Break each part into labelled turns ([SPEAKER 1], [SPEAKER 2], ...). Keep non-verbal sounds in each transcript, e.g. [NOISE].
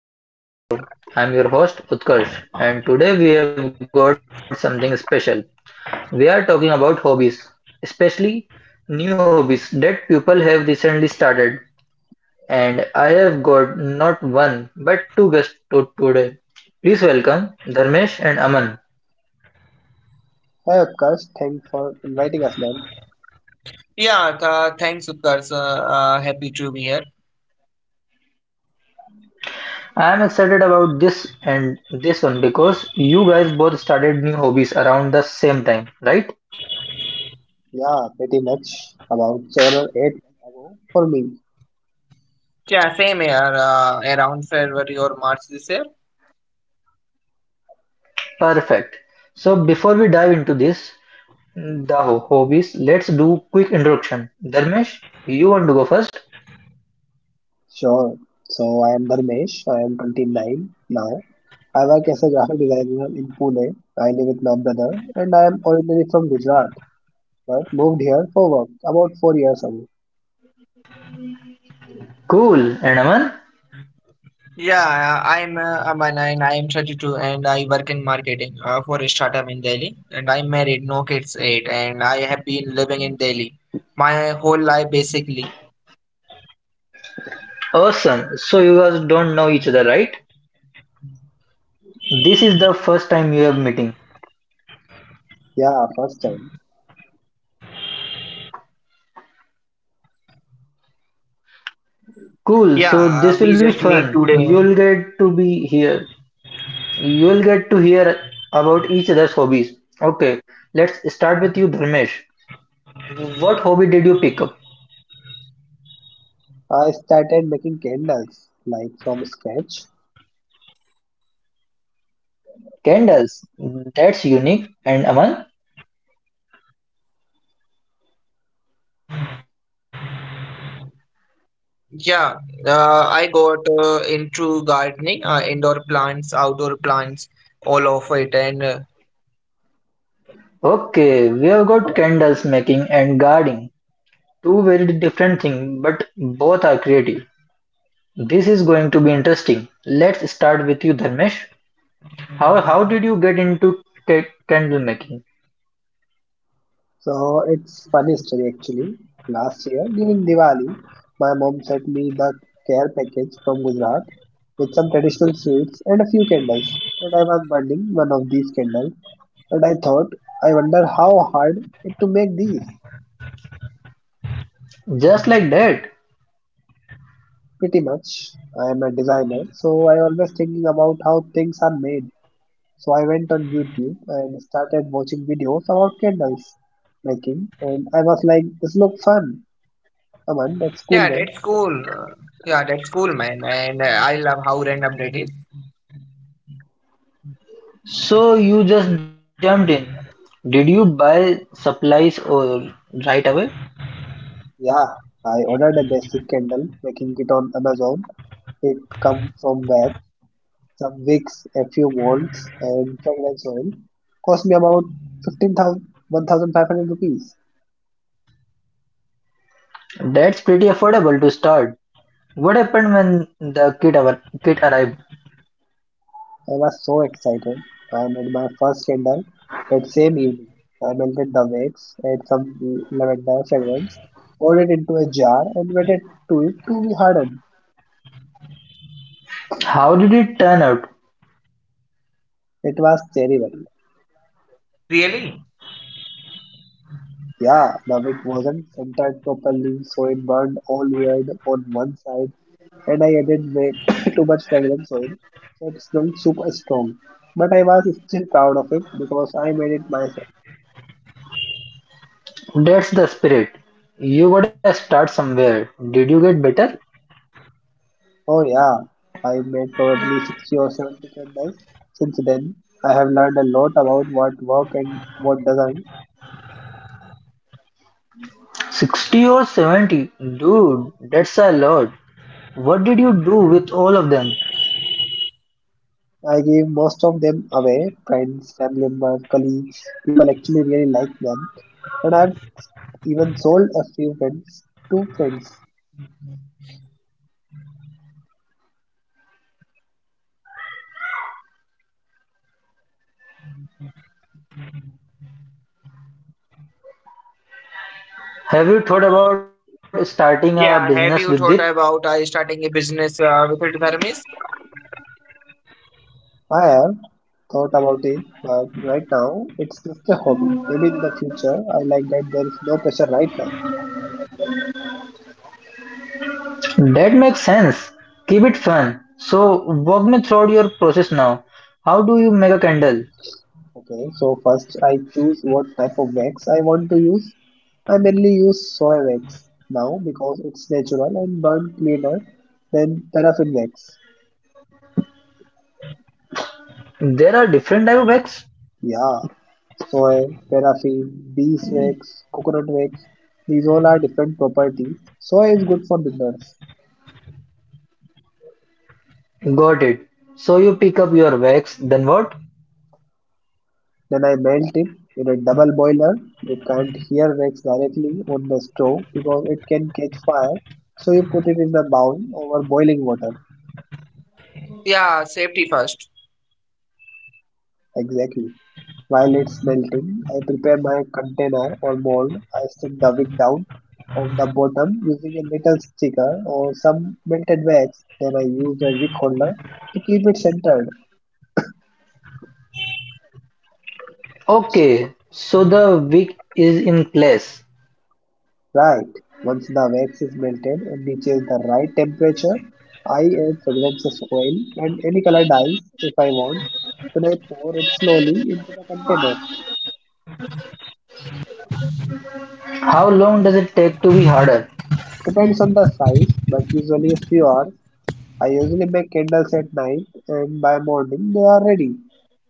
[SPEAKER 1] Welcome back to the Utkarsh Show. I'm your host Utkarsh, and today we have got something special. We are talking about hobbies, especially new hobbies that people have recently started. And I have got not one but two guests to today. Please welcome Dharmesh and Aman.
[SPEAKER 2] Hey Utkarsh, thanks for inviting us man.
[SPEAKER 3] Yeah, thanks, Utkarsh. Happy to be here.
[SPEAKER 1] I am excited about this and this one because you guys both started new hobbies around the same time, right?
[SPEAKER 2] Yeah, pretty much about 7 or 8 weeks ago for me.
[SPEAKER 3] Yeah, same here. Around February or March this year.
[SPEAKER 1] Perfect. So before we dive into this, hobbies. Let's do quick introduction. Dharmesh, you want to go first?
[SPEAKER 2] Sure. So I am Dharmesh, I am 29 now. I work as a graphic designer in Pune. I live with my brother and I am originally from Gujarat but moved here for work about 4 years ago.
[SPEAKER 1] Cool. And Aman?
[SPEAKER 3] Yeah, I'm Aman, and I am 32, and I work in marketing for a startup in Delhi. And I'm married, no kids, eight, and I have been living in Delhi my whole life basically.
[SPEAKER 1] Awesome. So you guys don't know each other, right? This is the first time you have meeting.
[SPEAKER 2] Yeah, first time.
[SPEAKER 3] Yeah,
[SPEAKER 1] Cool. So
[SPEAKER 3] we
[SPEAKER 1] this
[SPEAKER 3] just
[SPEAKER 1] will be
[SPEAKER 3] meet
[SPEAKER 1] fun.
[SPEAKER 3] today.
[SPEAKER 1] You'll get to be here. You'll get to hear about each other's hobbies. Okay. Let's start with you, Dharmesh. What hobby did you pick up?
[SPEAKER 2] I started making candles like from scratch.
[SPEAKER 1] Candles. That's unique. And Aman?
[SPEAKER 3] Yeah, I got into gardening, indoor plants, outdoor plants, all of it, and
[SPEAKER 1] Okay, we have got candles making and gardening. Two very different things, but both are creative. This is going to be interesting. Let's start with you, Dharmesh. How did you get into candle making?
[SPEAKER 2] So it's funny story actually. Last year during Diwali, my mom sent me the care package from Gujarat with some traditional sweets and a few candles. And I was burning one of these candles, and I thought, I wonder how hard it to make these.
[SPEAKER 1] Just like that.
[SPEAKER 2] Pretty much, I am a designer, so I always thinking about how things are made. So I went on YouTube and started watching videos about candles making, and I was like, this looks fun. Aman, that's cool,
[SPEAKER 3] Yeah,
[SPEAKER 2] man.
[SPEAKER 3] that's cool. Yeah, that's cool, man. And I love how random that is.
[SPEAKER 1] So you just jumped in. Did you buy supplies or right away?
[SPEAKER 2] Yeah, I ordered a basic candle making kit on Amazon. It come from wax, some wicks, a few molds, and fragrance oil. Cost me about 15,000 1,500 rupees.
[SPEAKER 1] That's pretty affordable to start. What happened when the kit our kit arrived?
[SPEAKER 2] I was so excited. I made my first candle that same evening. I melted the wax, add some lavender fragrance, poured it into a jar, and waited to it to be hardened.
[SPEAKER 1] How did it turn out?
[SPEAKER 2] It was terrible.
[SPEAKER 3] Really?
[SPEAKER 2] Yeah, the wick wasn't centered properly, so it burned all weird on one side and I added way [LAUGHS] too much [COUGHS] fragrance oil, so it smelled super strong. But I was still proud of it because I made it myself.
[SPEAKER 1] That's the spirit. You gotta start somewhere. Did you get better?
[SPEAKER 2] Oh yeah, I made probably 60 or 70 candles. Since then, I have learned a lot about what work and what doesn't.
[SPEAKER 1] 60 or 70? Dude, that's a lot. What did you do with all of them?
[SPEAKER 2] I gave most of them away, friends, family members, colleagues, people actually really like them. And I've even sold a few friends, two friends.
[SPEAKER 1] Have you thought about starting a
[SPEAKER 3] Yeah, have
[SPEAKER 1] business
[SPEAKER 3] you
[SPEAKER 1] with
[SPEAKER 3] thought
[SPEAKER 1] it?
[SPEAKER 3] about starting a business with it, Dharmesh?
[SPEAKER 2] I have thought about it, but right now it's just a hobby. Maybe in the future, I like that there is no pressure right now.
[SPEAKER 1] That makes sense. Keep it fun. So, walk me through your process now. How do you make a candle?
[SPEAKER 2] Okay, so first I choose what type of wax I want to use. I mainly use soy wax now because it's natural and burn cleaner than paraffin wax.
[SPEAKER 1] There are different type of wax.
[SPEAKER 2] Yeah, soy, paraffin, beeswax, coconut wax, these all are different properties. Soy is good for beginners.
[SPEAKER 1] Got it. So you pick up your wax, then what?
[SPEAKER 2] Then I melt it in a double boiler. You can't hear wax directly on the stove because it can catch fire. So you put it in the bowl over boiling water.
[SPEAKER 3] Yeah, safety first.
[SPEAKER 2] Exactly. While it's melting, I prepare my container or mold. I stick the wick down on the bottom using a little sticker or some melted wax. Then I use a wick holder to keep it centered.
[SPEAKER 1] Okay, so the wick is in place.
[SPEAKER 2] Right. Once the wax is melted and reaches the right temperature, I add fragrances oil and any colored dyes if I want. Then I pour it slowly into the container.
[SPEAKER 1] How long does it take to be harder?
[SPEAKER 2] Depends on the size, but usually a few hours. I usually make candles at night and by morning they are ready.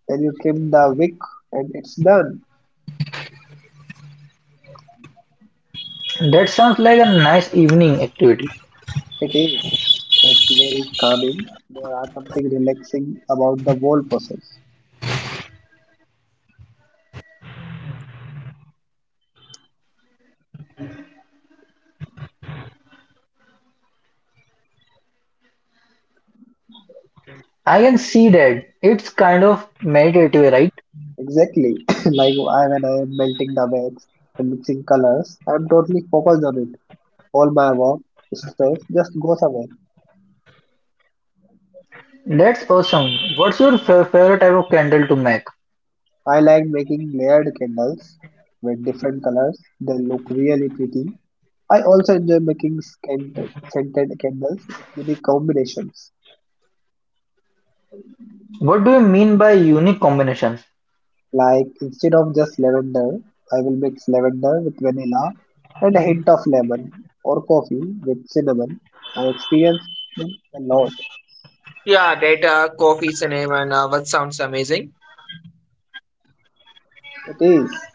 [SPEAKER 2] Then you trim the wick and it's done.
[SPEAKER 1] That sounds like a nice evening activity.
[SPEAKER 2] It is. It's very calming. There are something relaxing about the whole process.
[SPEAKER 1] I can see that. It's kind of meditative, right?
[SPEAKER 2] Exactly. [COUGHS] [LAUGHS] like I when I am melting the wax and mixing colors, I'm totally focused on it. All my work, stress just goes away.
[SPEAKER 1] That's awesome. What's your favorite type of candle to make?
[SPEAKER 2] I like making layered candles with different colors. They look really pretty. I also enjoy making scented candles with unique combinations.
[SPEAKER 1] What do you mean by unique combinations?
[SPEAKER 2] Like instead of just lavender, I will mix lavender with vanilla and a hint of lemon or coffee with cinnamon. I experience a lot.
[SPEAKER 3] Yeah, data, coffee, cinema, and what sounds amazing.
[SPEAKER 2] It is.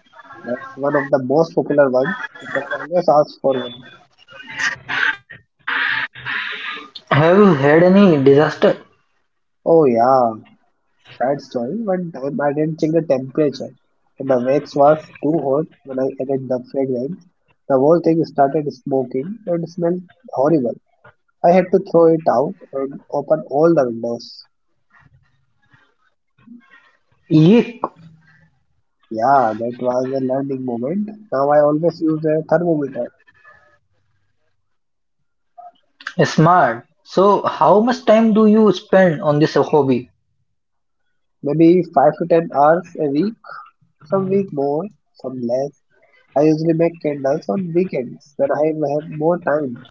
[SPEAKER 2] That's one of the most popular ones. People always ask for one.
[SPEAKER 1] Have you had any disaster?
[SPEAKER 2] Oh yeah, sad story. One time I didn't check the temperature, and the wax was too hot when I added the fragrance. The whole thing started smoking and smelled horrible. I had to throw it out and open all the windows.
[SPEAKER 1] Yeek,
[SPEAKER 2] Yeah, that was a learning moment. Now I always use a thermometer.
[SPEAKER 1] smart. So, how much time do you spend on this hobby?
[SPEAKER 2] Maybe 5 to 10 hours a week, some week more, some less. I usually make candles on weekends when I have more time.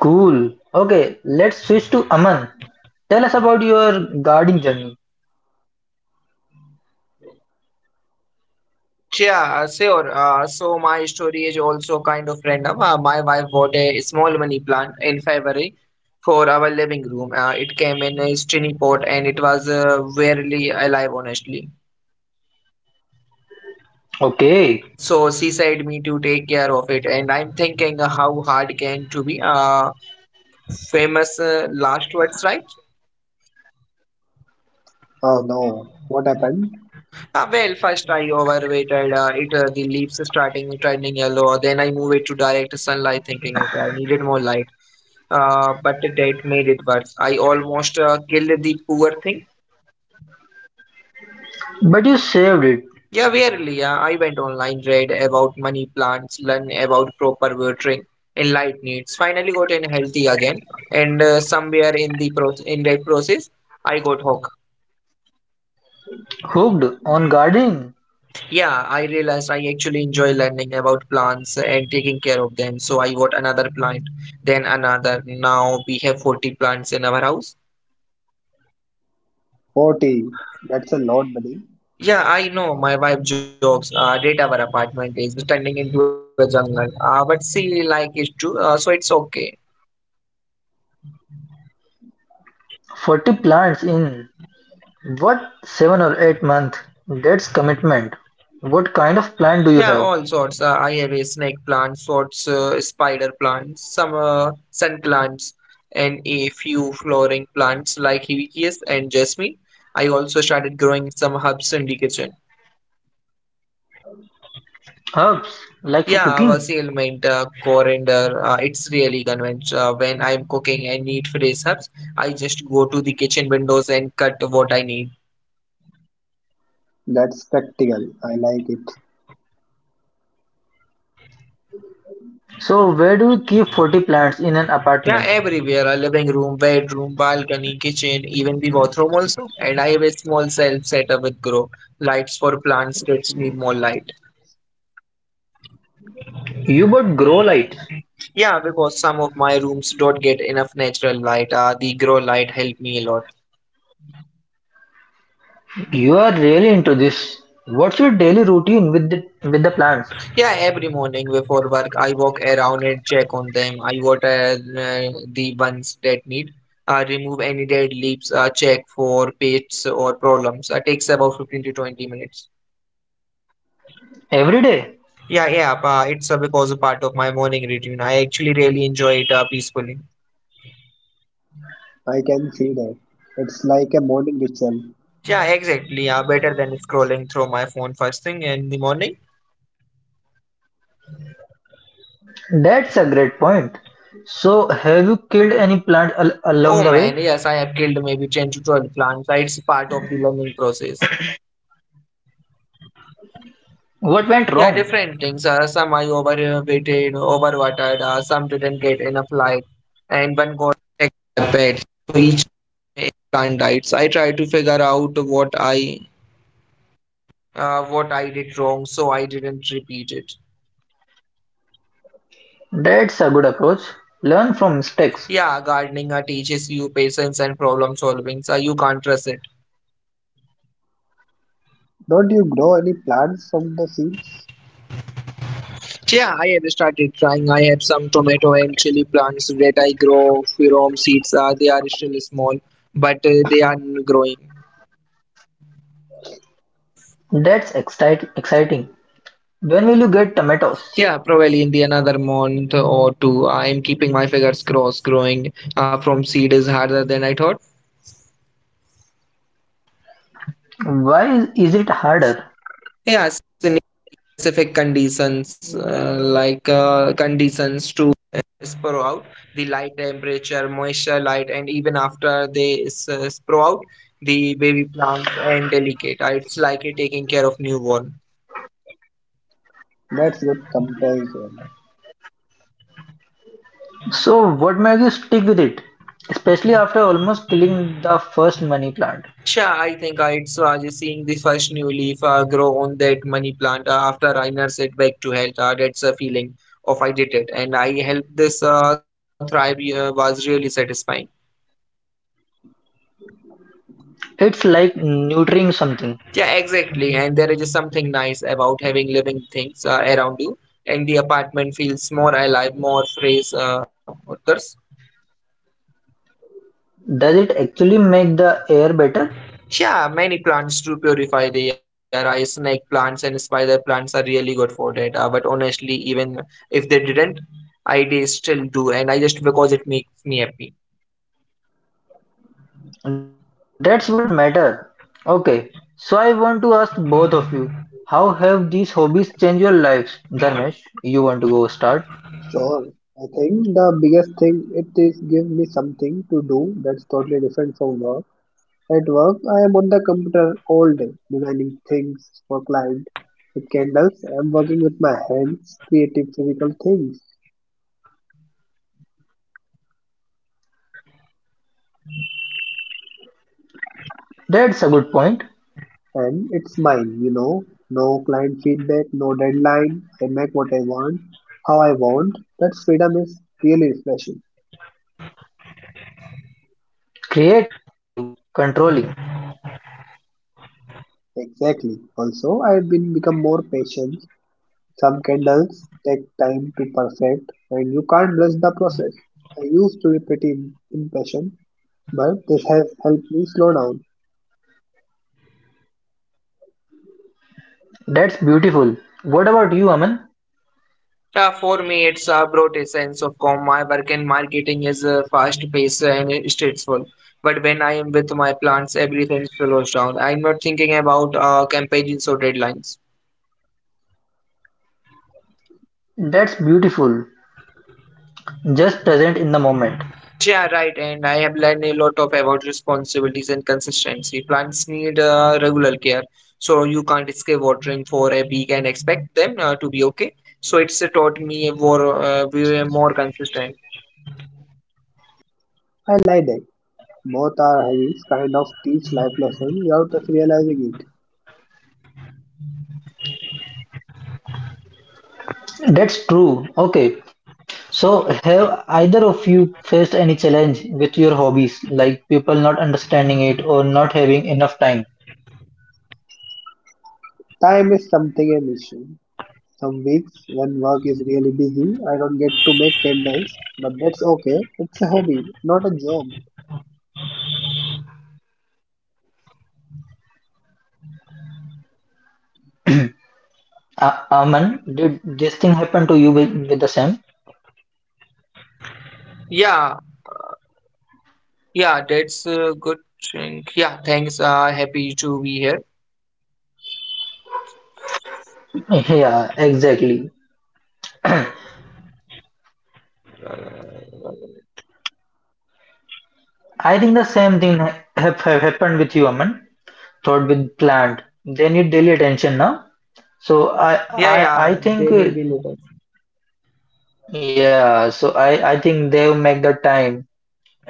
[SPEAKER 1] Cool. Okay, let's switch to Aman. Tell us about your gardening journey.
[SPEAKER 3] So, yeah, sure. So my story is also kind of random. My wife bought a small money plant in February for our living room. It came in a tiny pot, and it was barely alive, honestly.
[SPEAKER 1] Okay,
[SPEAKER 3] So she said me to take care of it, and I'm thinking how hard can to be famous last words, right?
[SPEAKER 2] Oh no, what happened?
[SPEAKER 3] Well, first I overweighted it, the leaves starting turning yellow. Then I move it to direct sunlight, thinking it I needed more light. But that made it worse. I almost killed the poor thing.
[SPEAKER 1] but you saved it.
[SPEAKER 3] Yeah, really. I went online, read about money plants, learn about proper watering and light needs. Finally, got in healthy again. And somewhere in the pro in that process, I got hooked.
[SPEAKER 1] Hooked on gardening.
[SPEAKER 3] Yeah, I realized I actually enjoy learning about plants and taking care of them. So I got another plant, then another. Now we have 40 plants in our house.
[SPEAKER 2] 40. That's a lot, buddy.
[SPEAKER 3] Yeah, I know. My wife jokes that our apartment is turning into a jungle. But she like it too, so it's okay.
[SPEAKER 1] 40 plants in What seven or eight month? That's commitment. What kind of plant do
[SPEAKER 3] Yeah,
[SPEAKER 1] you have?
[SPEAKER 3] all sorts. I have a snake plant, sorts spider plants, some sun plants, and a few flowering plants like hibiscus and jasmine. I also started growing some herbs in the kitchen.
[SPEAKER 1] Herbs, like for
[SPEAKER 3] Yeah,
[SPEAKER 1] cooking.
[SPEAKER 3] our sealmint, coriander, it's really convenient. When I'm cooking and need fresh herbs, I just go to the kitchen windows and cut what I need.
[SPEAKER 2] That's practical. I like it.
[SPEAKER 1] So where do you keep 40 plants in an
[SPEAKER 3] Yeah,
[SPEAKER 1] apartment?
[SPEAKER 3] everywhere, a living room, bedroom, balcony, kitchen, even the bathroom also. And I have a small self setup with grow lights for plants that need more light.
[SPEAKER 1] You bought grow lights.
[SPEAKER 3] Yeah, because some of my rooms don't get enough natural light. The grow light helped me a lot.
[SPEAKER 1] You are really into this. What's your daily routine with the plants?
[SPEAKER 3] Yeah, every morning before work, I walk around and check on them. I water uh, the ones that need. I remove any dead leaves. I check for pests or problems. It takes about 15 to 20 minutes.
[SPEAKER 1] Every day.
[SPEAKER 3] Yeah, yeah, it's because a part of my morning routine. I actually really enjoy it peacefully.
[SPEAKER 2] I can see that. It's like a morning ritual.
[SPEAKER 3] Yeah, exactly. Better than scrolling through my phone first thing in the morning.
[SPEAKER 1] That's a great point. So have you killed any plant along the way?
[SPEAKER 3] Oh man, yes, I have killed maybe 10 to 12 plants. It's part of the learning process.
[SPEAKER 1] What went
[SPEAKER 3] Yeah,
[SPEAKER 1] wrong?
[SPEAKER 3] different things. Some I overweighted, overwatered, some didn't get enough light.
[SPEAKER 1] That's a good approach. Learn from mistakes.
[SPEAKER 3] Yeah, gardening teaches you patience and problem solving, so you can't trust it.
[SPEAKER 2] Don't you grow any plants from the seeds?
[SPEAKER 1] That's exciting. When will you get tomatoes? Why is it harder?
[SPEAKER 3] Light and even after they sprout, the baby plants and delicate, it's like a taking care of newborn.
[SPEAKER 2] That's good comparison.
[SPEAKER 1] So, what made you stick with it, especially after almost killing the first money plant?
[SPEAKER 3] Sure, I think it's just seeing the first new leaf grow on that money plant after I nurse it back to health. That's a feeling of I did it and I helped this thrive was really satisfying.
[SPEAKER 1] It's like nurturing something.
[SPEAKER 3] Yeah, exactly. And there is just something nice about having living things around you, and the apartment feels more alive, more fresh. Others.
[SPEAKER 1] Does it actually make the air better?
[SPEAKER 3] Yeah, many plants to purify the air. I snake plants and spider plants are really good for that. But honestly, even if they didn't, I they still do, and I just because it makes me happy.
[SPEAKER 1] That's what matters. Okay, so I want to ask both of you, how have these hobbies changed your lives? Dharmesh, you want to go start?
[SPEAKER 2] Sure. I think the biggest thing it is give me something to do that's totally different from work. At work, I am on the computer all day, designing things for clients. With candles, I am working with my hands, creative physical things.
[SPEAKER 1] That's a good point.
[SPEAKER 2] And it's mine. No client feedback, no deadline. I make what I want, how I want. That freedom is really refreshing.
[SPEAKER 1] Creative, controlling.
[SPEAKER 2] Exactly. Also, I have been become more patient. Some candles take time to perfect, and you can't rush the process. I used to be pretty impatient, but this has helped me slow down.
[SPEAKER 1] That's beautiful. What about you, Aman?
[SPEAKER 3] For me, it's brought a sense of calm. My work in marketing is fast-paced and stressful. But when I am with my plants, everything slows down. I'm not thinking about campaigns or deadlines.
[SPEAKER 1] That's beautiful. Just present in the moment.
[SPEAKER 3] Yeah, right. And I have learned a lot of about responsibilities and consistency. Plants need regular care, so you can't escape watering for a week and expect them to be okay. So it's taught me a more, be a more consistent.
[SPEAKER 2] I like that. Both are hobbies kind of teach life lessons without us realizing it.
[SPEAKER 1] That's true. Okay. So, have either of you faced any challenge with your hobbies, like people not understanding it or not having enough time?
[SPEAKER 2] Time is something a mission. Some weeks when work is really busy, I don't get to make candles, but that's okay. It's a hobby, not a job.
[SPEAKER 1] Aman, did this thing happen to you with the same?
[SPEAKER 3] Yeah, yeah, that's a good thing. Yeah, thanks. Happy to be here.
[SPEAKER 1] [LAUGHS] Yeah, exactly. I think the same thing have happened with you, Aman. Thought with plant. They need daily attention now. So I
[SPEAKER 3] Yeah,
[SPEAKER 1] I I
[SPEAKER 3] yeah,
[SPEAKER 1] think
[SPEAKER 3] they
[SPEAKER 1] uh,
[SPEAKER 3] need a little.
[SPEAKER 1] yeah. So I think they will make the time,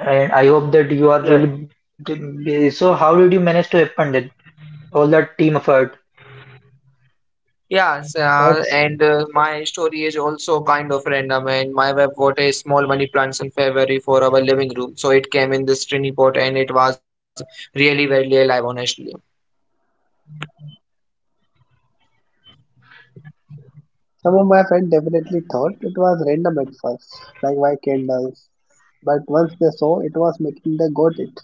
[SPEAKER 1] and I hope that you are
[SPEAKER 3] Yeah.
[SPEAKER 1] really. So how did you manage to happen that? All that team effort.
[SPEAKER 3] Yes,
[SPEAKER 2] That's
[SPEAKER 3] and my story is also kind of random. And my wife bought a small money plant in February for our living room, so it came in this tiny pot, and it was really very alive, honestly.
[SPEAKER 2] some of my friends definitely thought it was random at first, like why candles. But once they saw it was making, they got it.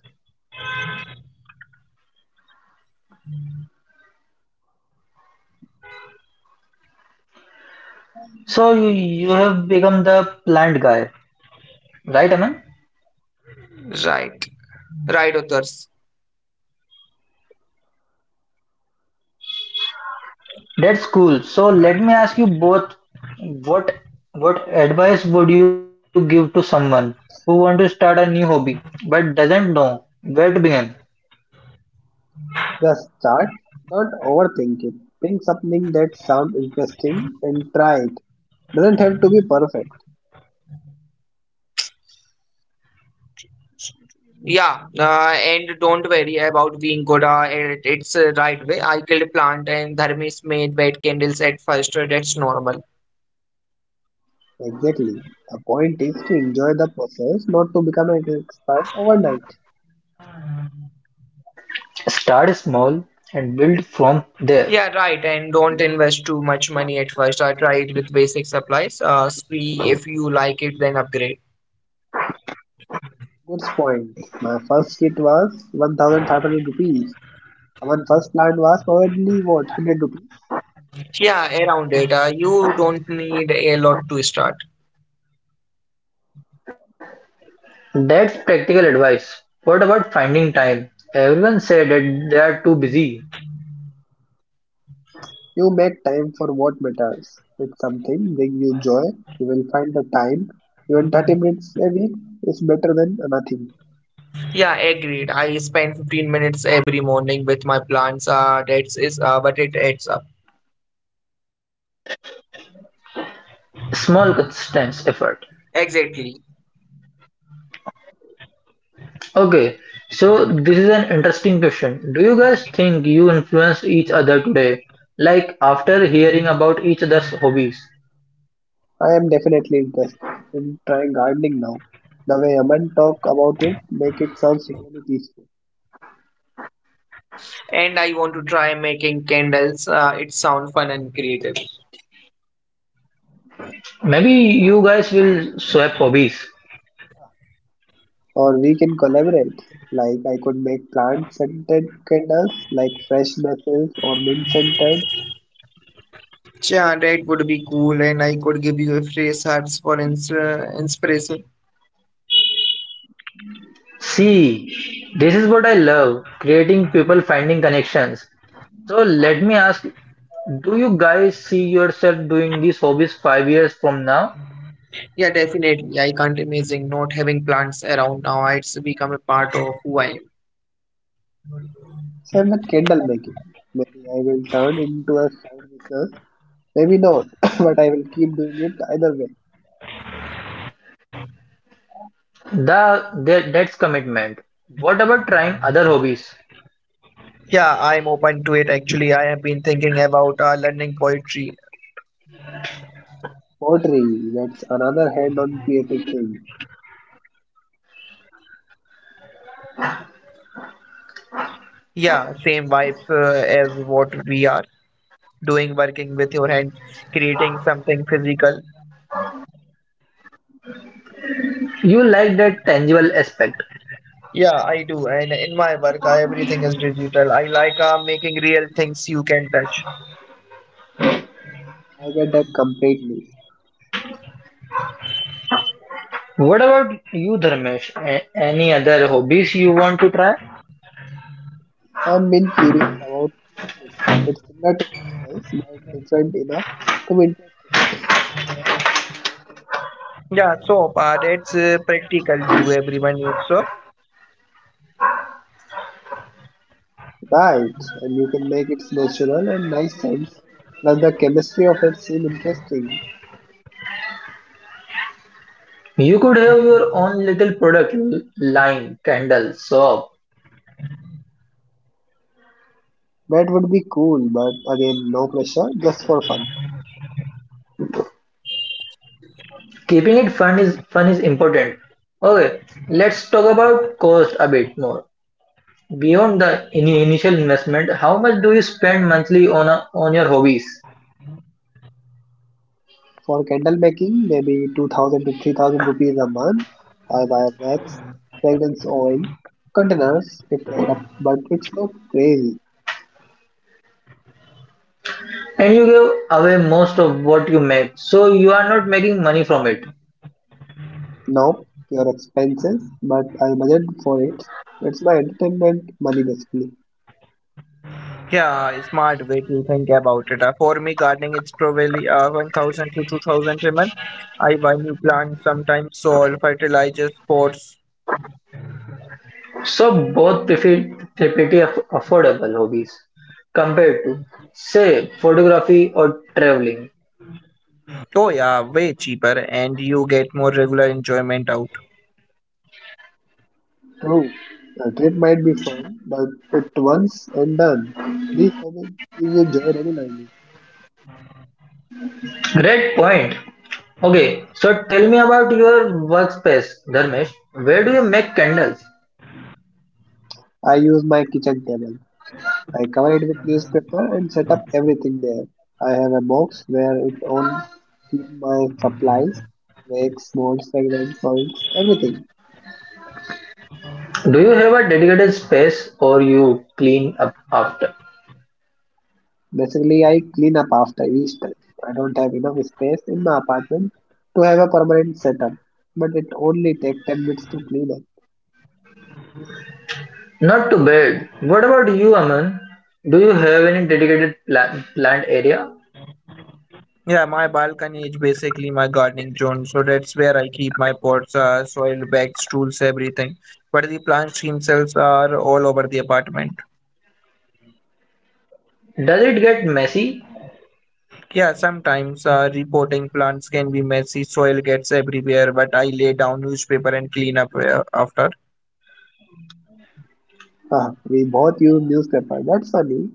[SPEAKER 1] So you have become the plant guy, right, Aman?
[SPEAKER 3] Right, right, others.
[SPEAKER 1] That's cool. So let me ask you both, what what advice would you give to someone who want to start a new hobby but doesn't know where to begin?
[SPEAKER 2] Just start, don't overthink it. Pick something that sounds interesting and try it. Doesn't have to be perfect.
[SPEAKER 3] Yeah, and don't worry about being good it its right way. I killed a plant, and Dharmesh made wet candles at first. That's normal.
[SPEAKER 2] Exactly. The point is to enjoy the process, not to become an expert overnight.
[SPEAKER 1] Start small and build from there.
[SPEAKER 3] Yeah, right. And don't invest too much money at first. I tried with basic supplies. See if you like it, then upgrade.
[SPEAKER 2] Good point. My first kit was 1,500 rupees. Our first plan was probably what 100 rupees.
[SPEAKER 3] Yeah, around it. You don't need a lot to start.
[SPEAKER 1] That's practical advice. What about finding time? Everyone said that they are too busy.
[SPEAKER 2] You make time for what matters. It's something bring you joy. You will find the time. Even 30 minutes a week is better than nothing.
[SPEAKER 3] Yeah, agreed. I spend 15 minutes every morning with my plants. That's is but it adds up.
[SPEAKER 1] Small consistent effort.
[SPEAKER 3] Exactly.
[SPEAKER 1] Okay, so this is an interesting question. Do you guys think you influence each other today? Like after hearing about each other's hobbies?
[SPEAKER 2] I am definitely interested in trying gardening now. The way Aman talk about it make it sounds really peaceful.
[SPEAKER 3] And I want to try making candles. It sounds fun and creative.
[SPEAKER 1] Maybe you guys will swap.
[SPEAKER 2] Or we can collaborate. Like I could make plant scented candles like fresh basil or mint scented.
[SPEAKER 3] Yeah, that would be cool, and I could give you a phrase hearts for inspiration.
[SPEAKER 1] See, this is what I love creating people finding connections. So let me ask, do you guys see yourself doing these hobbies 5 years from now?
[SPEAKER 3] Yeah, definitely. I can't imagine not having plants around now. It's become a part of who I am.
[SPEAKER 2] So I'm at candle making. Maybe I will turn into a side business. Maybe not, [COUGHS] but I will keep doing it either way.
[SPEAKER 1] That's commitment. What about trying other hobbies?
[SPEAKER 3] Yeah, I'm open to it actually. I have been thinking about learning poetry.
[SPEAKER 2] Pottery, that's another hand on creative thing.
[SPEAKER 3] Yeah, same vibes as what we are doing, working with your hands, creating something physical.
[SPEAKER 1] You like that tangible aspect.
[SPEAKER 3] Yeah, I do. And in my work, everything is digital. I like making real things you can touch.
[SPEAKER 2] I get that completely.
[SPEAKER 1] What about you, Dharmesh? Any other hobbies you want to try?
[SPEAKER 2] I've been curious about soap making. It's similar to candles but different enough to be.
[SPEAKER 3] Yeah, that's practical to everyone. So,
[SPEAKER 2] Right, and you can make its natural and nice sense, plus the chemistry of it seem interesting.
[SPEAKER 1] You could have your own little product line, candle, soap.
[SPEAKER 2] That would be cool, but again, no pressure, just for fun.
[SPEAKER 1] Keeping it fun is important. Okay, let's talk about cost a bit more. Beyond the initial investment, how much do you spend monthly on on your hobbies?
[SPEAKER 2] For candle making, maybe 2000 to 3000 rupees a month. I buy wax, fragrance oil, containers, it add up, but it's not crazy.
[SPEAKER 1] And you give away most of what you make, so you are not making money from it.
[SPEAKER 2] No, pure expenses, but I budget for it. It's my entertainment money basically.
[SPEAKER 3] yeah, a smart way to think about it. For me, gardening it's probably 1,000 to 2,000 a month. I buy new plants, sometimes soil, fertilizers, pots.
[SPEAKER 1] So both defeat the pretty affordable hobbies compared to, say, photography or traveling.
[SPEAKER 3] Oh, yeah, way cheaper, and you get more regular enjoyment out.
[SPEAKER 2] True, a trip might be fun, but it once and done. These habits give you joy regularly.
[SPEAKER 1] Great point. Okay, so tell me about your workspace, Dharmesh. Where do you make candles?
[SPEAKER 2] I use my kitchen table. I cover it with newspaper and set up everything there. I have a box where it on keep my supplies, wax, molds, fragrance, oils, everything.
[SPEAKER 1] Do you have a dedicated space or you clean up after?
[SPEAKER 2] Basically, I clean up after each time. I don't have enough space in my apartment to have a permanent setup, but it only takes 10 minutes to clean up.
[SPEAKER 1] Not too bad. What about you, Aman? Do you have any dedicated plant area?
[SPEAKER 3] Yeah, my balcony is basically my gardening zone, so that's where I keep my pots, soil bags, tools, everything. But the plants themselves are all over the apartment.
[SPEAKER 1] Does it get messy?
[SPEAKER 3] Yeah, sometimes repotting plants can be messy, soil gets everywhere, but I lay down newspaper and clean up after.
[SPEAKER 2] Ah, we both use newspaper. That's funny.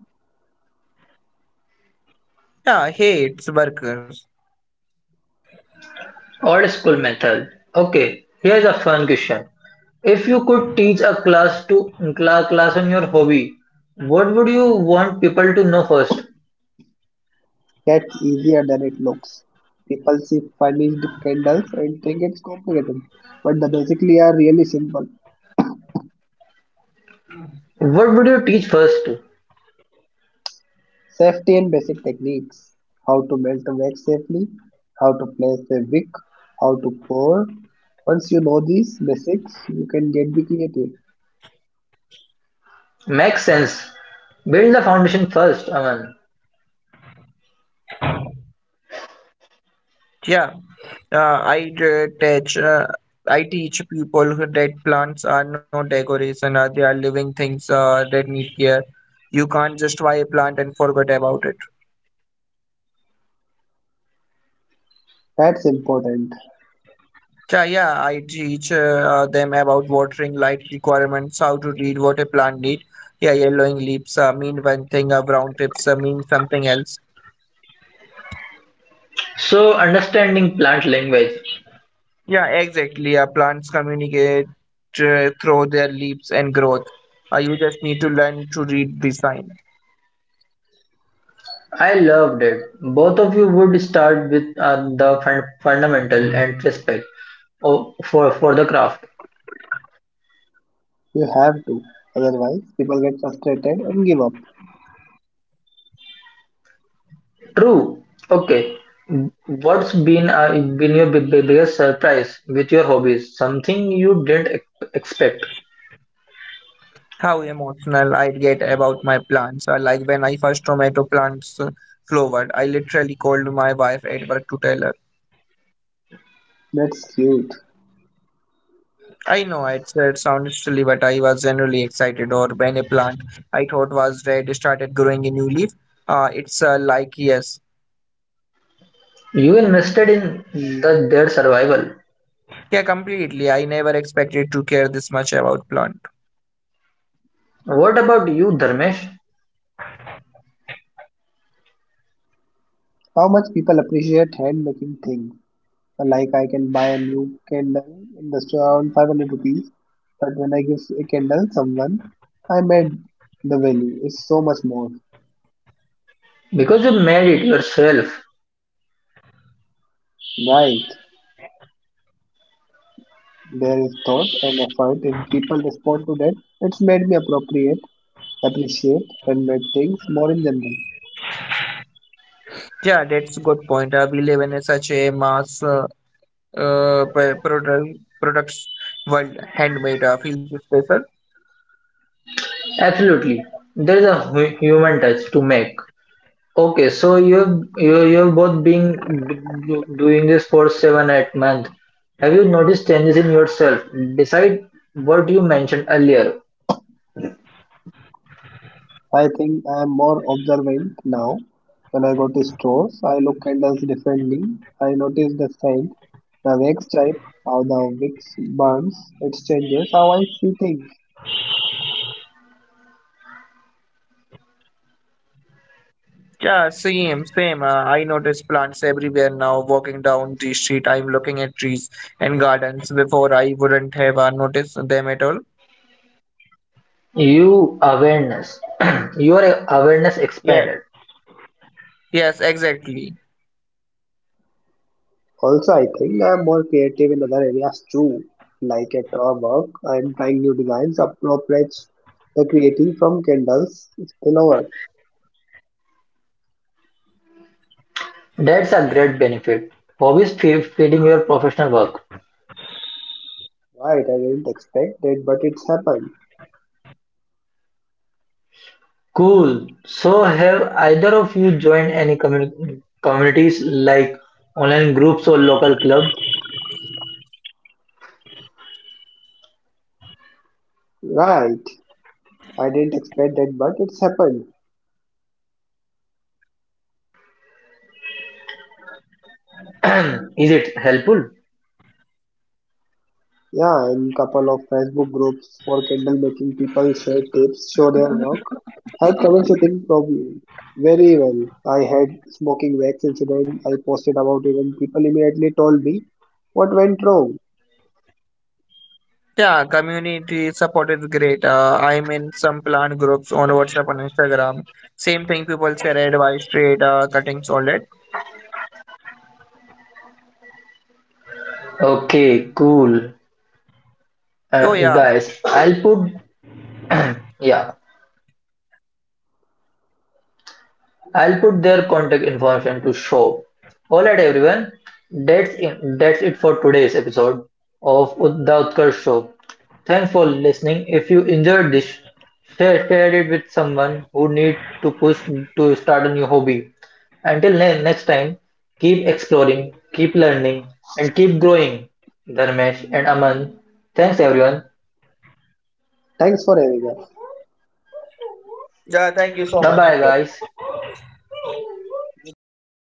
[SPEAKER 3] Yeah, hey, it's workers.
[SPEAKER 1] Old school method. Okay, here's a fun question. If you could teach a class to class on your hobby, what would you want people to know first?
[SPEAKER 2] That's easier than it looks. People see furnished candles and think it's complicated, but the basically are really simple.
[SPEAKER 1] What would you teach first?
[SPEAKER 2] Safety and basic techniques. How to melt a wax safely, how to place a wick, how to pour. Once you know these basics, you can get be creative.
[SPEAKER 1] Makes sense. Build the foundation first, Aman.
[SPEAKER 3] Yeah. Uh, I d- teach uh, I teach people that plants are no decoration. They are living things that need care. You can't just buy a plant and forget about it.
[SPEAKER 2] That's important.
[SPEAKER 3] Yeah, yeah. I teach them about watering, light requirements, how to read what a plant need. Yeah, yellowing leaves mean one thing. Brown tips mean something else.
[SPEAKER 1] So understanding plant language.
[SPEAKER 3] Yeah, exactly. Plants communicate through their leaves and growth. You just need to learn to read the sign.
[SPEAKER 1] I loved it. Both of you would start with the fundamental and respect for the craft.
[SPEAKER 2] You have to. Otherwise, people get frustrated and give up.
[SPEAKER 1] True. Okay. What's been your biggest surprise with your hobbies? Something you didn't expect.
[SPEAKER 3] How emotional I'd get about my plants. Like when I first tomato plants flowered, I literally called my wife at work to tell her.
[SPEAKER 2] That's cute.
[SPEAKER 3] I know it, it sounds silly, but I was generally excited. Or when a plant I thought was dead started growing a new leaf, it's like yes,
[SPEAKER 1] You invested in the their survival.
[SPEAKER 3] yeah, completely. I never expected to care this much about plant.
[SPEAKER 1] What about you, Dharmesh?
[SPEAKER 2] How much people appreciate hand making things. Like I can buy a new candle in the store around 500 rupees, but when I give a candle someone, I made the value is so much more.
[SPEAKER 1] Because you made it yourself.
[SPEAKER 2] Right. There is thought and effort and people respond to that. It's made me appreciate handmade things more in general.
[SPEAKER 3] Yeah, that's a good point. We live in a such a mass product products world, handmade feels special.
[SPEAKER 1] Absolutely. There is a human touch to make. Okay, so you've both been doing this for 7 8 months. Have you noticed changes in yourself? Beside what you mentioned earlier,
[SPEAKER 2] I think I am more observant now. When I go to stores, I look candles differently. I notice the scent, the wax type, how the wax burns. It changes how I see things.
[SPEAKER 3] Yeah, same, same. I notice plants everywhere now. Walking down the street, I'm looking at trees and gardens. Before, I wouldn't have noticed them at all.
[SPEAKER 1] you awareness, [CLEARS THROAT] your awareness
[SPEAKER 3] Yeah.
[SPEAKER 1] expanded.
[SPEAKER 3] Yes, exactly.
[SPEAKER 2] Also, I think I'm more creative in other areas too. Like at our work, I'm trying new designs, appropriates the creating from Kindle's spillover.
[SPEAKER 1] That's a great benefit. Hobbies feeding your professional work.
[SPEAKER 2] Right, I didn't expect that, but it's happened.
[SPEAKER 1] Cool. So have either of you joined any communities like online groups or local club?
[SPEAKER 2] Right, I didn't expect that, but it's happened.
[SPEAKER 1] [CLEARS THROAT] Is it helpful?
[SPEAKER 2] Yeah, in couple of Facebook groups for Kindle making, people share tips, show their work, help troubleshooting problem. Very well. I had smoking wax incident. I posted about it, and people immediately told me what went wrong.
[SPEAKER 3] Yeah, community support is great. I'm in some plant groups on WhatsApp and Instagram. Same thing, people share advice, trade, cuttings, all that.
[SPEAKER 1] Okay, cool.
[SPEAKER 3] Oh, yeah.
[SPEAKER 1] Guys, I'll put yeah, I'll put their contact information to show. All right, everyone. That's it for today's episode of the Utkarsh Show. Thanks for listening. If you enjoyed this, share it with someone who need to push to start a new hobby. Until next time, keep exploring, keep learning, and keep growing. Dharmesh and Aman. Thanks everyone.
[SPEAKER 2] Thanks for having us.
[SPEAKER 3] Yeah, thank you so
[SPEAKER 1] Bye
[SPEAKER 3] much.
[SPEAKER 1] bye guys.
[SPEAKER 2] You too, man.